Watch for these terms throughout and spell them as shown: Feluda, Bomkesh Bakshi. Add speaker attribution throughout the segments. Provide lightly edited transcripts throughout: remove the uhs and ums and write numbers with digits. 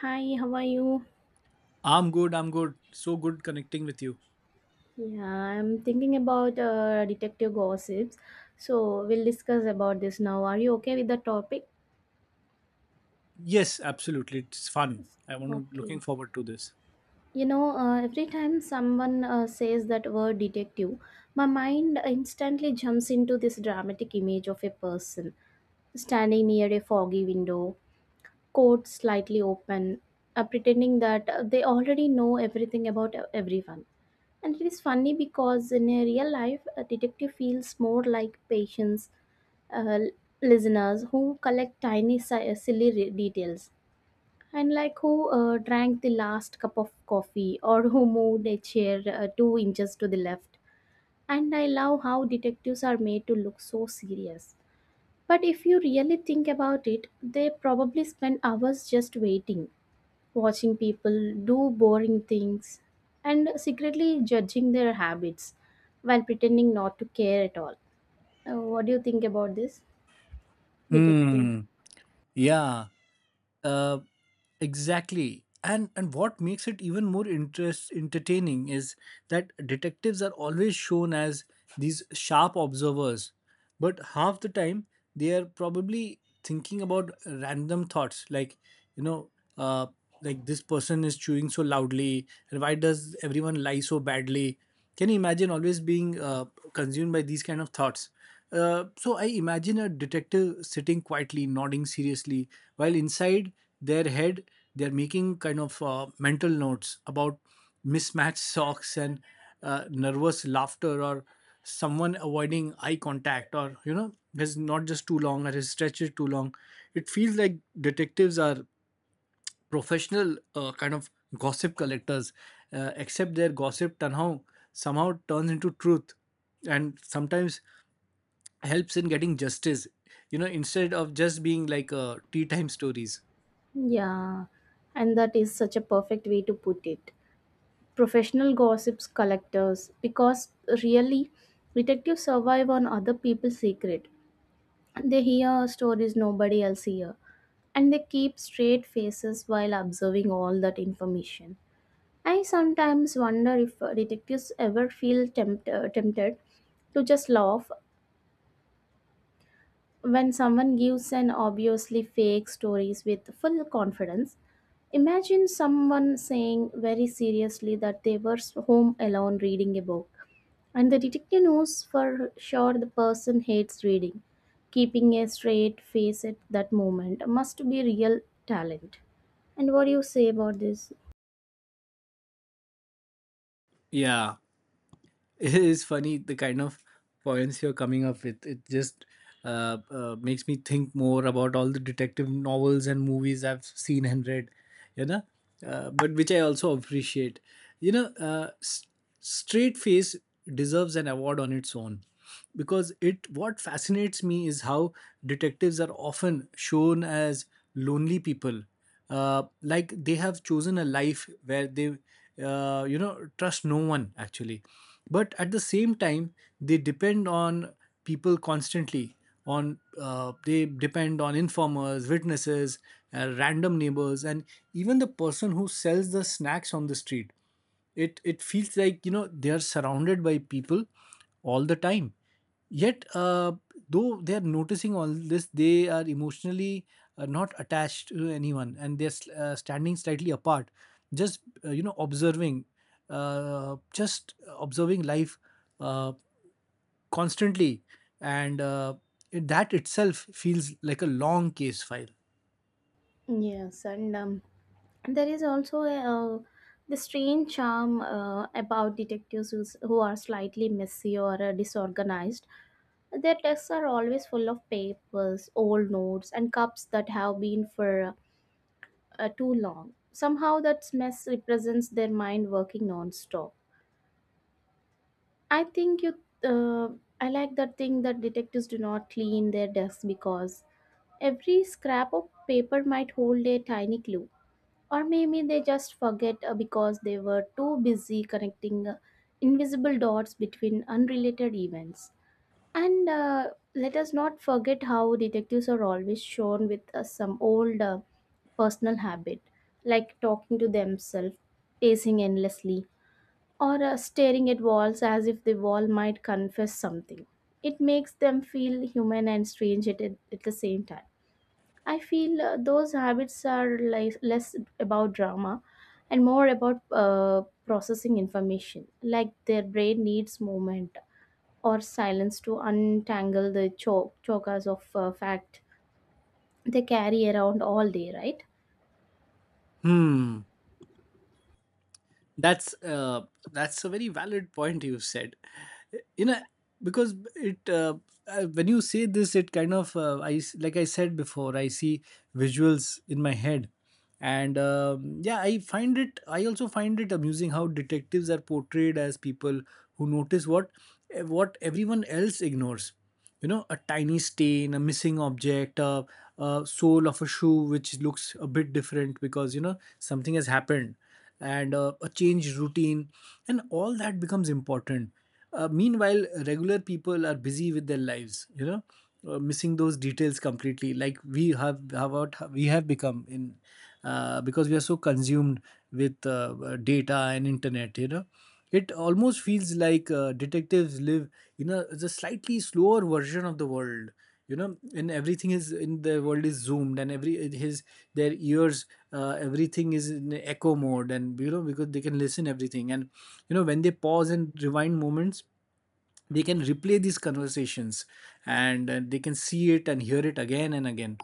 Speaker 1: Hi, how are you?
Speaker 2: I'm good. I'm good. So good connecting with you.
Speaker 1: Yeah, I'm thinking about detective gossips. So we'll discuss about this now. Are you okay with the topic?
Speaker 2: Yes, absolutely. It's fun. I want to looking
Speaker 1: Okay.
Speaker 2: forward to this.
Speaker 1: Every time someone says that word detective, my mind instantly jumps into this dramatic image of a person standing near a foggy window, coat slightly open, pretending that they already know everything about everyone. And it is funny because in a real life, a detective feels more like patients, uh, listeners who collect tiny silly details, and like who drank the last cup of coffee or who moved a chair two inches to the left. And I love how detectives are made to look so serious. But if you really think about it, they probably spend hours just waiting, watching people do boring things and secretly judging their habits while pretending not to care at all. What do you think about this? Detecting.
Speaker 2: Hmm. Yeah. Uh, exactly. And what makes it even more interest entertaining is that detectives are always shown as these sharp observers, but half the time they are probably thinking about random thoughts like you know uh, like this person is chewing so loudly, and why does everyone lie so badly? Can you imagine always being consumed by these kind of thoughts? So I imagine a detective sitting quietly, nodding seriously, while inside their head they're making kind of mental notes about mismatched socks and nervous laughter, or someone avoiding eye contact, or you know his not just too long or his stretch is too long. It feels like detectives are professional kind of gossip collectors, except their gossip somehow turns into truth, and sometimes helps in getting justice. You know, instead of just being like tea time stories.
Speaker 1: Yeah, and that is such a perfect way to put it. Professional gossips collectors, because really, detectives survive on other people's secret. They hear stories nobody else hear, and they keep straight faces while observing all that information. I sometimes wonder if detectives ever feel tempted to just laugh when someone gives an obviously fake stories with full confidence. Imagine someone saying very seriously that they were home alone reading a book, and the detective knows for sure the person hates reading. Keeping a straight face at that moment must be real talent. And what do you say about this?
Speaker 2: Yeah. It is funny the kind of points you're coming up with. It just makes me think more about all the detective novels and movies I've seen and read, you know, but which I also appreciate. you know uh, s- Straight face deserves an award on its own, because it what fascinates me is how detectives are often shown as lonely people, like they have chosen a life where they you know trust no one actually. But at the same time, they depend on people constantly. On They depend on informers, witnesses, random neighbors, and even the person who sells the snacks on the street. It feels like, you know, they are surrounded by people all the time, yet though they are noticing all this, they are emotionally not attached to anyone, and they're standing slightly apart, just you know observing, just observing life, uh, constantly. And it, that itself feels like a long case file.
Speaker 1: Yes, and there is also a, the strange charm about detectives who's, who are slightly messy or disorganized. Their desks are always full of papers, old notes, and cups that have been for too long. Somehow, that mess represents their mind working non-stop. I think you. Uh, I like that thing that detectives do not clean their desks because every scrap of paper might hold a tiny clue. Or maybe they just forget because they were too busy connecting invisible dots between unrelated events. And let us not forget how detectives are always shown with some old personal habit, like talking to themselves, pacing endlessly, or staring at walls as if the wall might confess something. It makes them feel human and strange at the same time. I feel those habits are less about drama and more about processing information, like their brain needs movement or silence to untangle the chokas of fact they carry around all day, right?
Speaker 2: Hmm. That's uh, that's a very valid point you said. You know, because it when you say this, it kind of I like I said before, I see visuals in my head, and yeah, I find it. I also find it amusing how detectives are portrayed as people who notice what everyone else ignores. You know, a tiny stain, a missing object, a sole of a shoe which looks a bit different because, you know, something has happened, and a changed routine, and all that becomes important. Meanwhile regular people are busy with their lives, you know, missing those details completely, like we have how about we have become in, because we are so consumed with data and internet, you know. It almost feels like detectives live in the slightly slower version of the world, you know, and everything is in the world is zoomed, and every his their ears, everything is in echo mode, and you know, because they can listen everything, and you know, when they pause and rewind moments, they can replay these conversations, and they can see it and hear it again and again.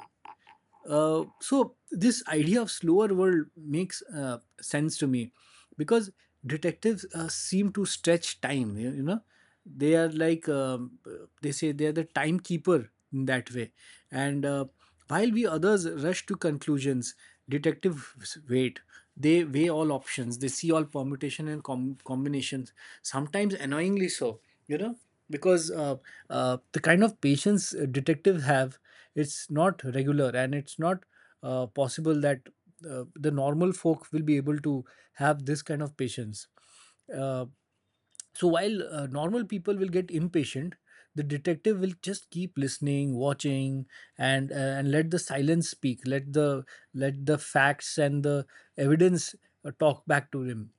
Speaker 2: So this idea of slower world makes sense to me, because detectives seem to stretch time, you know. They are like they say they are the timekeeper in that way. And while we others rush to conclusions, detectives wait. They weigh all options, they see all permutation and combinations, sometimes annoyingly so, you know, because the kind of patience detectives have, it's not regular, and it's not possible that the normal folk will be able to have this kind of patience. Uh, so while normal people will get impatient, the detective will just keep listening, watching, and let the silence speak. Let the facts and the evidence talk back to him.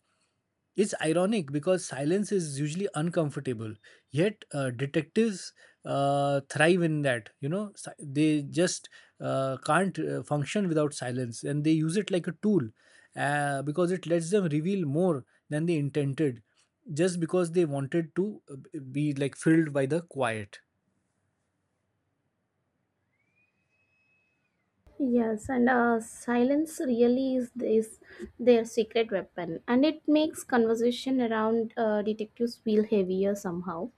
Speaker 2: It's ironic because silence is usually uncomfortable, yet detectives thrive in that. You know, they just can't function without silence, and they use it like a tool, because it lets them reveal more than they intended, just because they wanted to be like filled by the quiet.
Speaker 1: Yes, and silence really is this their secret weapon, and it makes conversation around detectives feel heavier somehow.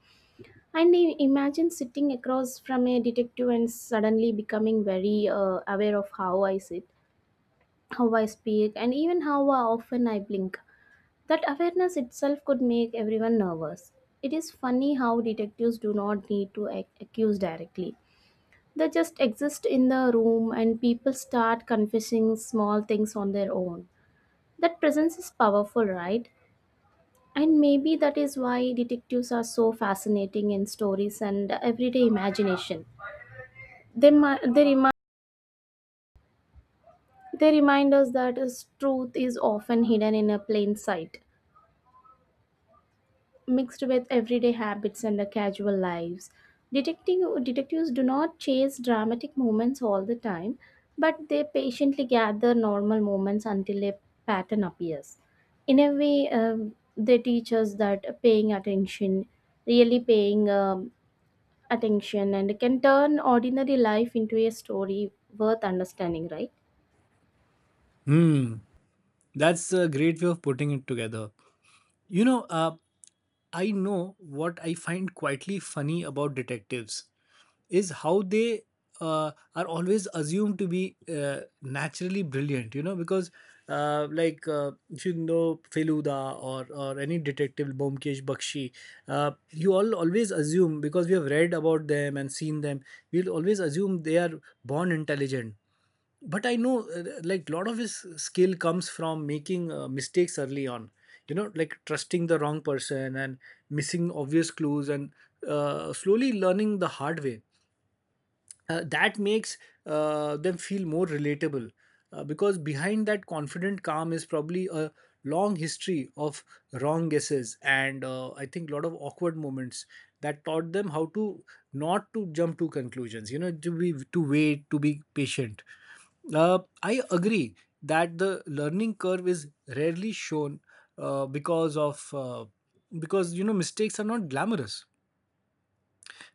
Speaker 1: And I imagine sitting across from a detective and suddenly becoming very aware of how I sit, how I speak, and even how often I blink. That awareness itself could make everyone nervous. It is funny how detectives do not need to accuse directly. They just exist in the room and people start confessing small things on their own. That presence is powerful, right? And maybe that is why detectives are so fascinating in stories and everyday imagination. They, mi- they, remi- they remind us that truth is often hidden in a plain sight, mixed with everyday habits and the casual lives. Detectives do not chase dramatic moments all the time, but they patiently gather normal moments until a pattern appears. In a way, they teach us that paying attention, really paying attention, and can turn ordinary life into a story worth understanding, right?
Speaker 2: Hmm, that's a great way of putting it together. You know, I know what I find quietly funny about detectives is how they are always assumed to be naturally brilliant, you know, because if you know Feluda or any detective Bomkesh Bakshi, you all always assume, because we have read about them and seen them, we'll always assume they are born intelligent. But I know, like lot of his skill comes from making mistakes early on, you know, like trusting the wrong person, and missing obvious clues, and slowly learning the hard way. That makes them feel more relatable, because behind that confident calm is probably a long history of wrong guesses, and I think a lot of awkward moments that taught them how to not to jump to conclusions, you know, to be to wait to be patient. I agree that the learning curve is rarely shown, uh, because of uh, because you know mistakes are not glamorous,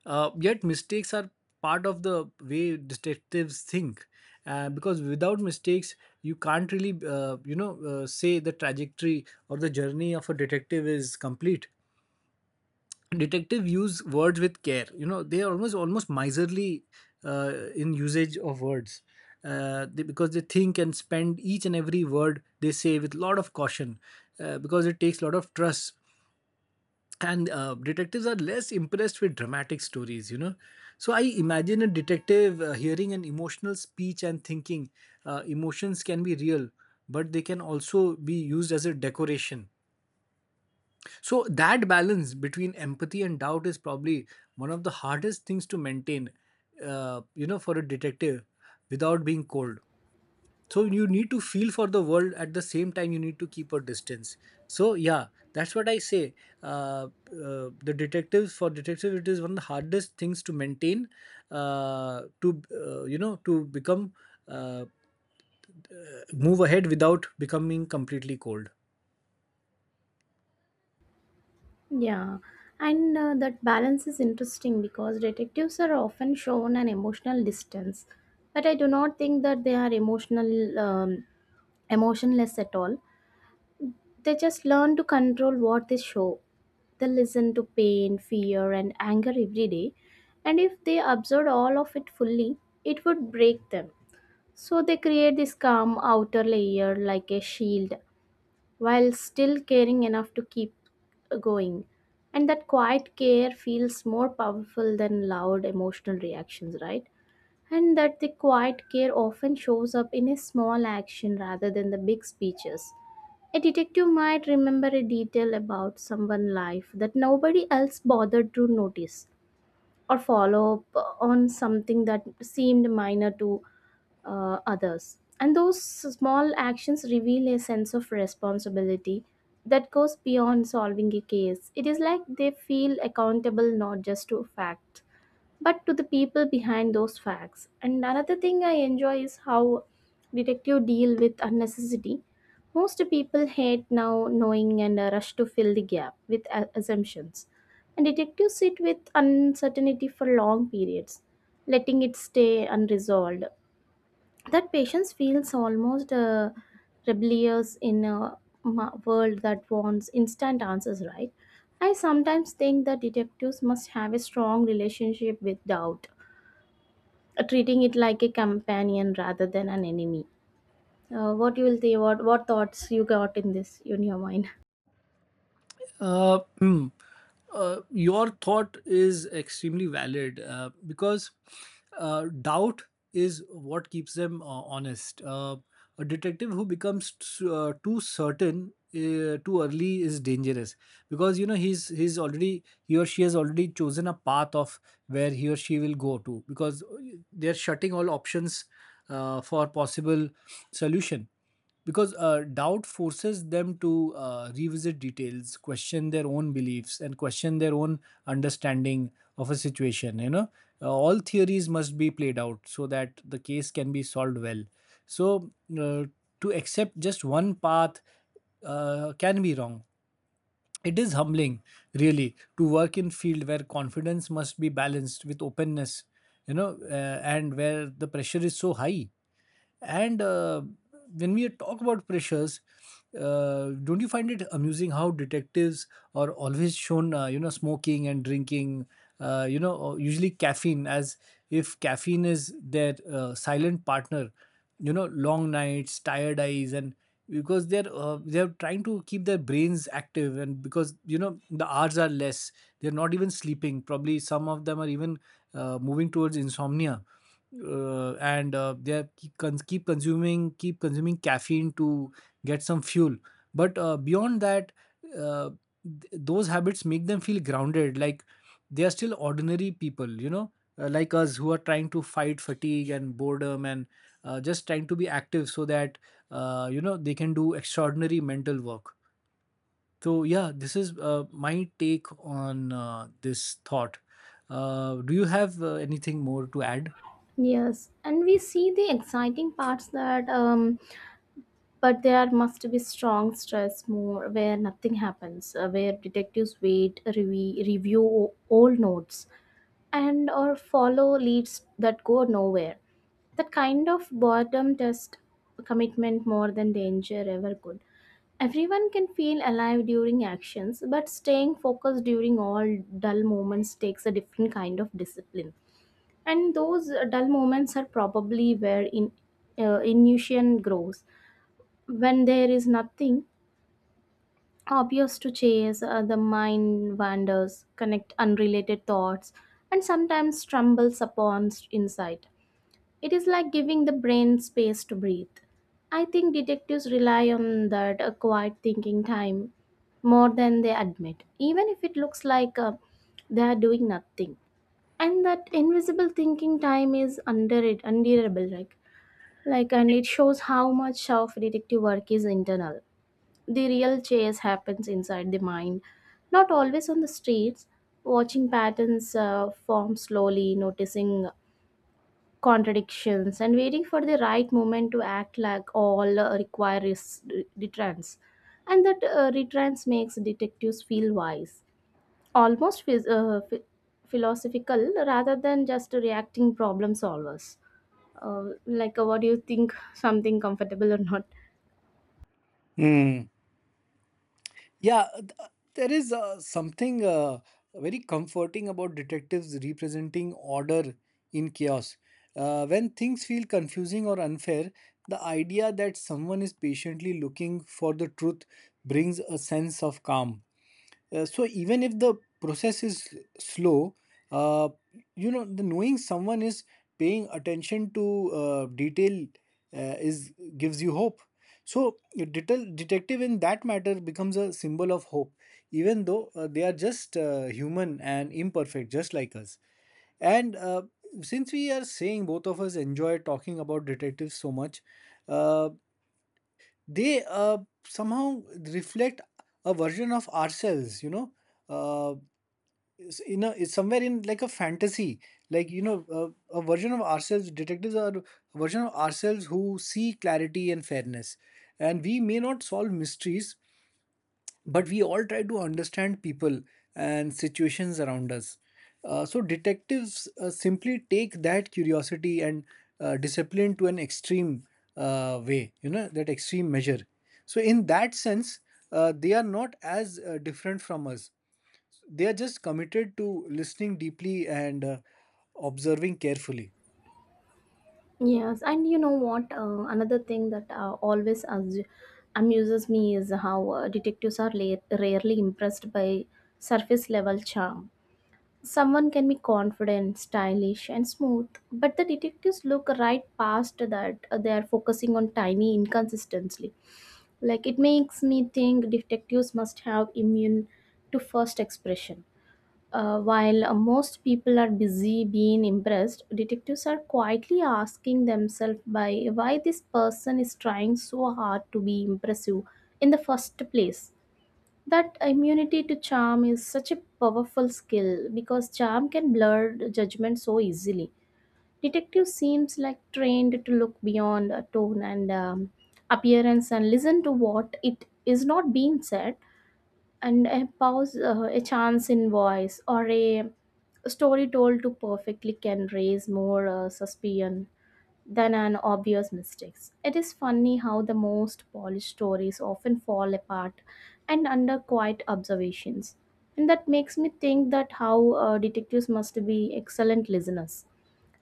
Speaker 2: yet mistakes are part of the way detectives think, because without mistakes, you can't really, you know, say the trajectory or the journey of a detective is complete. Detective use words with care. You know, they are almost miserly in usage of words. Because they think and spend each and every word they say with lot of caution, because it takes lot of trust. And detectives are less impressed with dramatic stories, you know. So I imagine a detective hearing an emotional speech and thinking, emotions can be real, but they can also be used as a decoration. So that balance between empathy and doubt is probably one of the hardest things to maintain, you know, for a detective, without being cold. So you need to feel for the world, at the same time you need to keep a distance. So yeah, that's what I say. uh, the detectives, for detectives, it is one of the hardest things to maintain, to you know, to become, uh, move ahead without becoming completely cold.
Speaker 1: Yeah, and that balance is interesting because detectives are often shown an emotional distance, but I do not think that they are emotionless at all. They just learn to control what they show. They listen to pain, fear, and anger every day, and if they absorb all of it fully, it would break them. So they create this calm outer layer like a shield while still caring enough to keep going. And that quiet care feels more powerful than loud emotional reactions, right? And that the quiet care often shows up in a small action rather than the big speeches. A detective might remember a detail about someone's life that nobody else bothered to notice or follow up on something that seemed minor to others. And those small actions reveal a sense of responsibility that goes beyond solving a case. It is like they feel accountable not just to facts, but to the people behind those facts. And another thing I enjoy is how detective deal with unnecessity. Most people hate now knowing and rush to fill the gap with assumptions. And detectives sit with uncertainty for long periods, letting it stay unresolved. That patience feels almost rebellious in a world that wants instant answers, right? I sometimes think that detectives must have a strong relationship with doubt, treating it like a companion rather than an enemy. What you will think, what thoughts you got in this in your mind?
Speaker 2: Hmm. Your thought is extremely valid, because doubt is what keeps them honest. A detective who becomes too certain too early is dangerous, because you know he's already, he or she has already chosen a path of where he or she will go to, because they're shutting all options for possible solution. Because doubt forces them to revisit details, question their own beliefs, and question their own understanding of a situation, you know. All theories must be played out so that the case can be solved well. So uh, to accept just one path can be wrong. It is humbling, really, to work in field where confidence must be balanced with openness, you know, and where the pressure is so high. And when we talk about pressures, don't you find it amusing how detectives are always shown, you know, smoking and drinking, you know, or usually caffeine, as if caffeine is their silent partner, you know, long nights, tired eyes, and because they're trying to keep their brains active, and because you know the hours are less, they're not even sleeping. Probably some of them are even moving towards insomnia, and they keep, keep consuming, keep consuming caffeine to get some fuel. But beyond that, uh, those habits make them feel grounded, like they are still ordinary people, you know, like us, who are trying to fight fatigue and boredom, and just trying to be active so that you know they can do extraordinary mental work. So yeah, this is my take on this thought. Do you have anything more to add?
Speaker 1: Yes, and we see the exciting parts that but there must be strong stress more where nothing happens, where detectives wait, review old notes, and or follow leads that go nowhere. That kind of boredom test commitment more than danger ever could. Everyone can feel alive during actions, but staying focused during all dull moments takes a different kind of discipline. And those dull moments are probably where intuition grows. When there is nothing obvious to chase, the mind wanders, connect unrelated thoughts, and sometimes stumbles upon insight. It is like giving the brain space to breathe. I think detectives rely on that quiet thinking time more than they admit, even if it looks like they are doing nothing. And that invisible thinking time is under it, unbearable, and it shows how much of detective work is internal. The real chase happens inside the mind, not always on the streets. Watching patterns form slowly, noticing contradictions, and waiting for the right moment to act like all returns. And that returns makes detectives feel wise, almost philosophical rather than just reacting problem solvers. What do you think? Something comfortable or not?
Speaker 2: Yeah, there is something very comforting about detectives representing order in chaos. When things feel confusing or unfair, the idea that someone is patiently looking for the truth brings a sense of calm. So even if the process is slow, uh, you know, the knowing someone is paying attention to detail is gives you hope. So a detective in that matter becomes a symbol of hope, even though they are just human and imperfect, just like us. And since we are saying both of us enjoy talking about detectives so much, uh, they somehow reflect a version of ourselves. uh, it's somewhere in like a fantasy, like a version of ourselves. Detectives are a version of ourselves who see clarity and fairness, and we may not solve mysteries, but we all try to understand people and situations around us. So detectives simply take that curiosity and discipline to an extreme way, you know, that extreme measure. So in that sense, they are not as different from us. They are just committed to listening deeply and observing carefully.
Speaker 1: Yes, and you know what? Another thing that always amuses me is how detectives are rarely impressed by surface level charm. Someone can be confident, stylish, and smooth, but the detectives look right past that. They are focusing on tiny inconsistency. Like it makes me think detectives must have immune to first expression. While most people are busy being impressed, detectives are quietly asking themselves by why this person is trying so hard to be impressive in the first place. That immunity to charm is such a powerful skill because charm can blur judgment so easily. Detective seems like trained to look beyond a tone and appearance and listen to what it is not being said and a pause, a chance in voice, or a story told to perfectly can raise more suspicion than an obvious mistakes. It is funny how the most polished stories often fall apart and under quiet observations. And that makes me think that how detectives must be excellent listeners.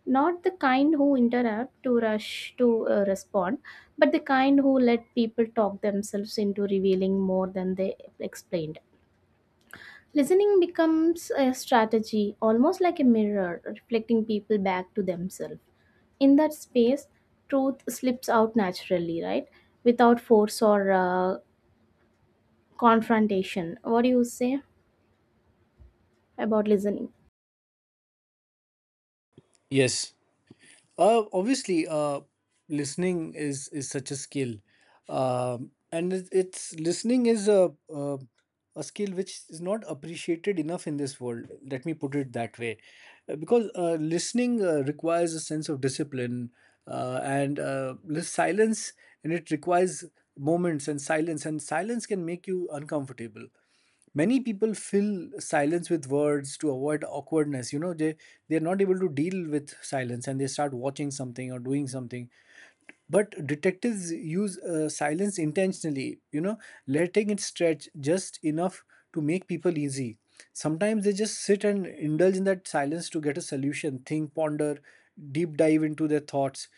Speaker 1: Not the kind who interrupt to rush to respond, but the kind who let people talk themselves into revealing more than they explained. Listening becomes a strategy, almost like a mirror, reflecting people back to themselves. In that space, truth slips out naturally, right? Without force or confrontation. What do you say about listening?
Speaker 2: Yes. Obviously, listening is such a skill, and it's, listening is a skill which is not appreciated enough in this world. Let me put it that way. Because listening requires a sense of discipline, and silence, and it requires moments and silence can make you uncomfortable. Many people fill silence with words to avoid awkwardness. You know, they're not able to deal with silence, and they start watching something or doing something. But detectives use silence intentionally, you know, letting it stretch just enough to make people easy. Sometimes they just sit and indulge in that silence to get a solution, think, ponder, deep dive into their thoughts.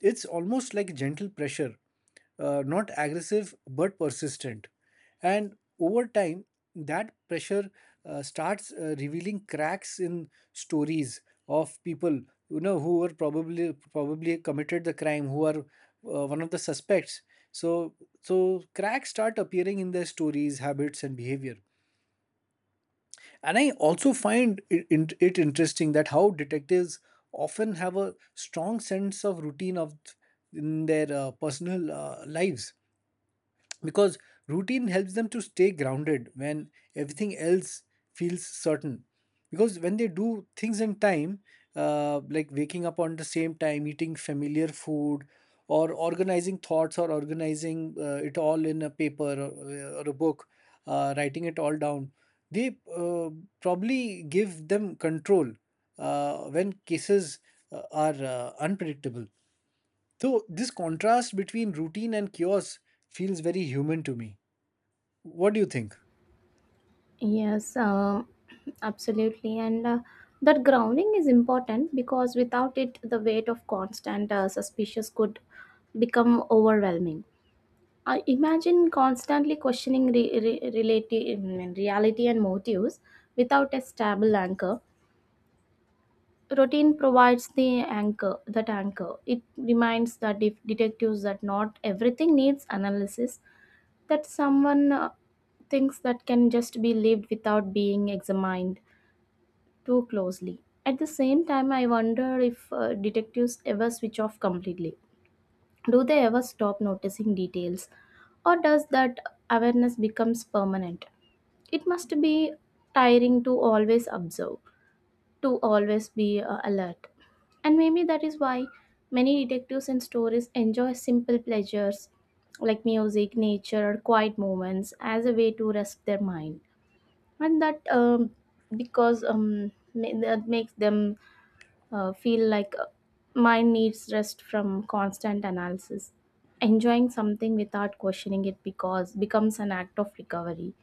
Speaker 2: It's almost like gentle pressure, not aggressive but persistent, and over time that pressure starts revealing cracks in stories of people, you know, who were probably committed the crime, who are one of the suspects. So so cracks start appearing in their stories, habits, and behavior. And I also find it interesting that how detectives often have a strong sense of routine of in their personal lives, because routine helps them to stay grounded when everything else feels certain. Because when they do things in time, like waking up on the same time, eating familiar food, or organizing thoughts, or organizing it all in a paper, or or a book, writing it all down, they probably give them control when cases are unpredictable. So this contrast between routine and chaos feels very human to me. What do you think?
Speaker 1: Yes, um, absolutely. And that grounding is important because without it, the weight of constant suspicious could become overwhelming. I imagine constantly questioning reality and motives without a stable anchor. Routine provides the anchor, that anchor. It reminds the detectives that not everything needs analysis, that someone thinks that can just be lived without being examined too closely. At the same time, I wonder if detectives ever switch off completely. Do they ever stop noticing details, or does that awareness becomes permanent? It must be tiring to always observe, to always be alert. And maybe that is why many detectives in stories enjoy simple pleasures like music, nature, or quiet moments as a way to rest their mind. And that that makes them feel like mind needs rest from constant analysis. Enjoying something without questioning it because becomes an act of recovery.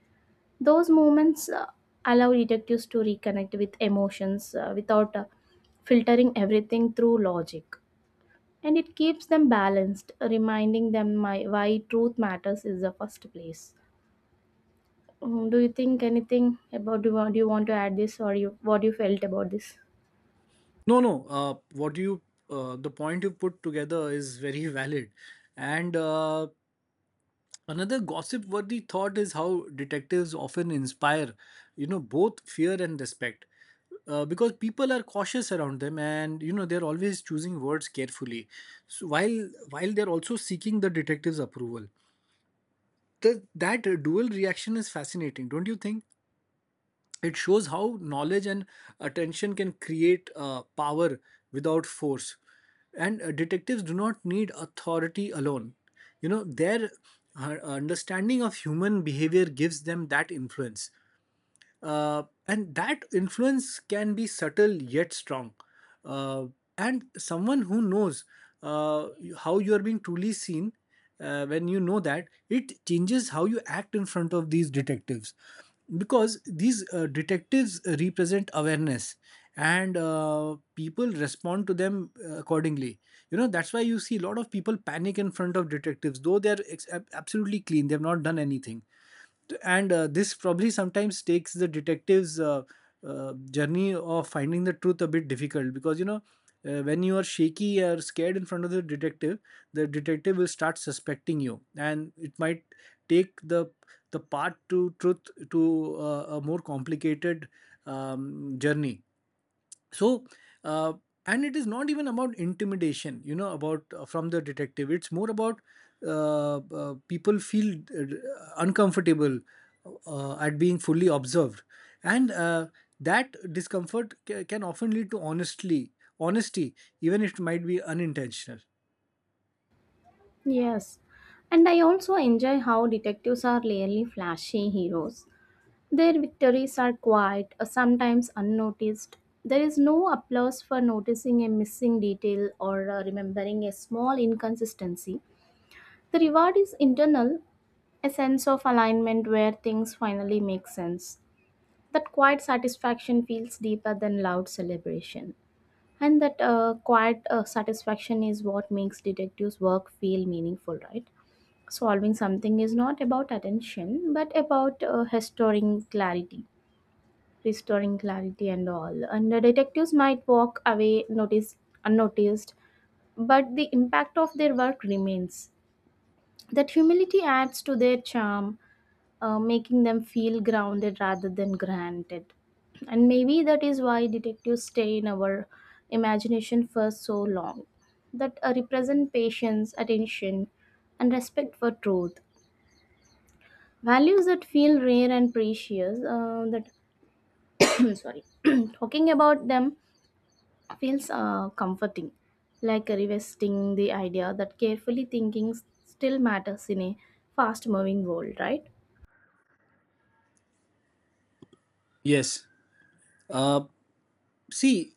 Speaker 1: Those moments allow detectives to reconnect with emotions without filtering everything through logic. And it keeps them balanced, reminding them my, why truth matters is the first place. Mm, do you think anything about, do you want to add this or you what you felt about this?
Speaker 2: No, no. What you The point you put together is very valid, and another gossip-worthy thought is how detectives often inspire, you know, both fear and respect, because people are cautious around them, and you know they're always choosing words carefully, so while they're also seeking the detective's approval. That dual reaction is fascinating, don't you think? It shows how knowledge and attention can create power without force. And detectives do not need authority alone. You know, their understanding of human behavior gives them that influence, and that influence can be subtle yet strong. Uh, and someone who knows, uh, how you are being truly seen, when you know that, it changes how you act in front of these detectives. Because these detectives represent awareness, and people respond to them accordingly. You know, that's why you see a lot of people panic in front of detectives, though they're absolutely clean, they've not done anything. And this probably sometimes takes the detective's journey of finding the truth a bit difficult, because you know, when you are shaky or scared in front of the detective, the detective will start suspecting you, and it might take the path to truth to a more complicated journey. So uh, and it is not even about intimidation, you know, about from the detective, it's more about people feel uncomfortable at being fully observed. And that discomfort can often lead to honestly honesty, even if it might be unintentional.
Speaker 1: Yes, and I also enjoy how detectives are rarely flashy heroes. Their victories are quiet, sometimes unnoticed. There is no applause for noticing a missing detail or remembering a small inconsistency. The reward is internal, a sense of alignment where things finally make sense. That quiet satisfaction feels deeper than loud celebration. And that quiet satisfaction is what makes detectives' work feel meaningful, right? Solving something is not about attention, but about restoring clarity and all. And the detectives might walk away noticed, unnoticed, but the impact of their work remains. That humility adds to their charm, making them feel grounded rather than granted. And maybe that is why detectives stay in our imagination for so long. That represent patience, attention, and respect for truth. Values that feel rare and precious. That sorry, talking about them feels comforting, like revisiting the idea that carefully thinking still matters in a fast moving world, right?
Speaker 2: Yes. uh, see,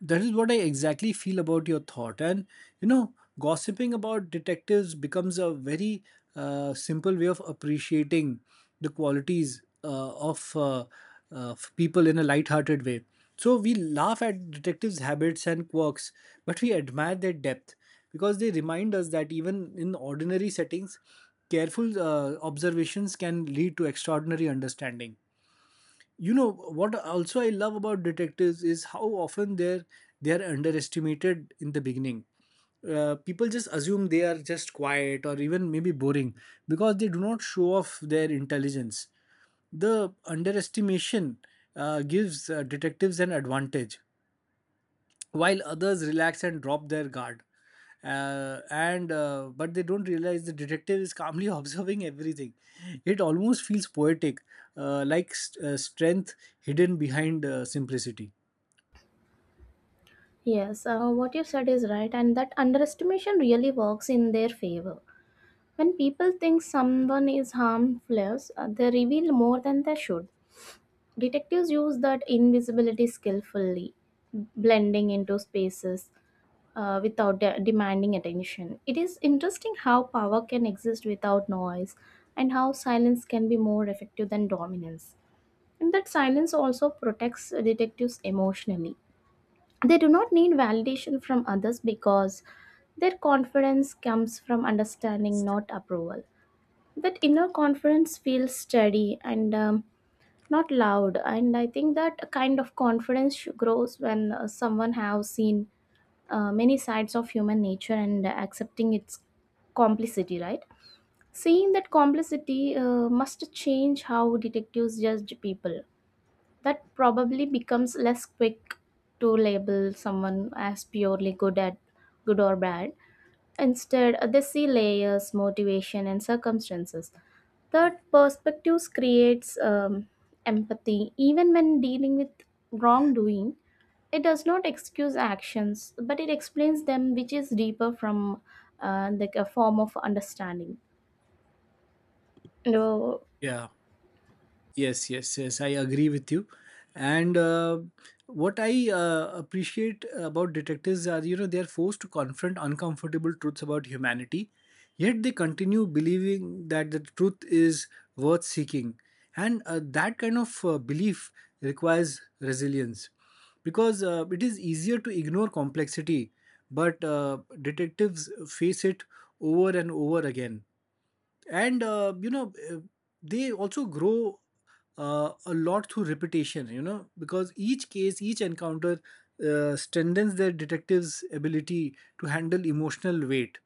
Speaker 2: that is what I exactly feel about your thought. And, you know, gossiping about detectives becomes a very simple way of appreciating the qualities of people in a light-hearted way. So we laugh at detectives' habits and quirks, but we admire their depth, because they remind us that even in ordinary settings, careful observations can lead to extraordinary understanding. You know what also I love about detectives is how often they are underestimated in the beginning. People just assume they are just quiet or even maybe boring, because they do not show off their intelligence. The underestimation gives detectives an advantage. While others relax and drop their guard, and but they don't realize the detective is calmly observing everything. It almost feels poetic, like strength hidden behind simplicity.
Speaker 1: Yes, what you said is right, and that underestimation really works in their favor. When people think someone is harmless, they reveal more than they should. Detectives use that invisibility skillfully, blending into spaces, without demanding attention. It is interesting how power can exist without noise and how silence can be more effective than dominance. And that silence also protects detectives emotionally. They do not need validation from others because their confidence comes from understanding, not approval. That inner confidence feels steady and not loud. And I think that kind of confidence grows when someone has seen many sides of human nature and accepting its complicity, right? Seeing that complicity must change how detectives judge people. That probably becomes less quick to label someone as purely good at good or bad. Instead, they see layers, motivation, and circumstances. Third, perspectives creates empathy, even when dealing with wrongdoing. It does not excuse actions, but it explains them, which is deeper from like a form of understanding. No,
Speaker 2: Yeah. Yes, yes, yes, I agree with you. And what I appreciate about detectives are, you know, they are forced to confront uncomfortable truths about humanity, yet they continue believing that the truth is worth seeking. And that kind of belief requires resilience, because it is easier to ignore complexity, but detectives face it over and over again. And they also grow a lot through repetition, you know, because each case, each encounter strengthens their detective's ability to handle emotional weight.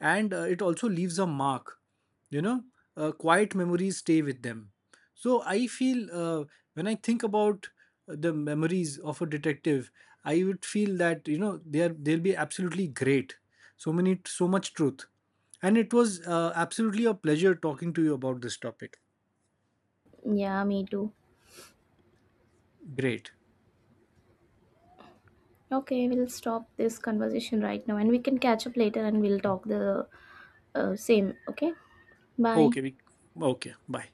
Speaker 2: And it also leaves a mark, you know, quiet memories stay with them. So I feel when I think about the memories of a detective, I would feel that you know they'll be absolutely great, so many, so much truth. And it was absolutely a pleasure talking to you about this topic.
Speaker 1: yeah, me too.
Speaker 2: Great.
Speaker 1: Okay, we'll stop this conversation right now, and we can catch up later, and we'll talk the same. Okay, bye.
Speaker 2: Okay we okay, bye.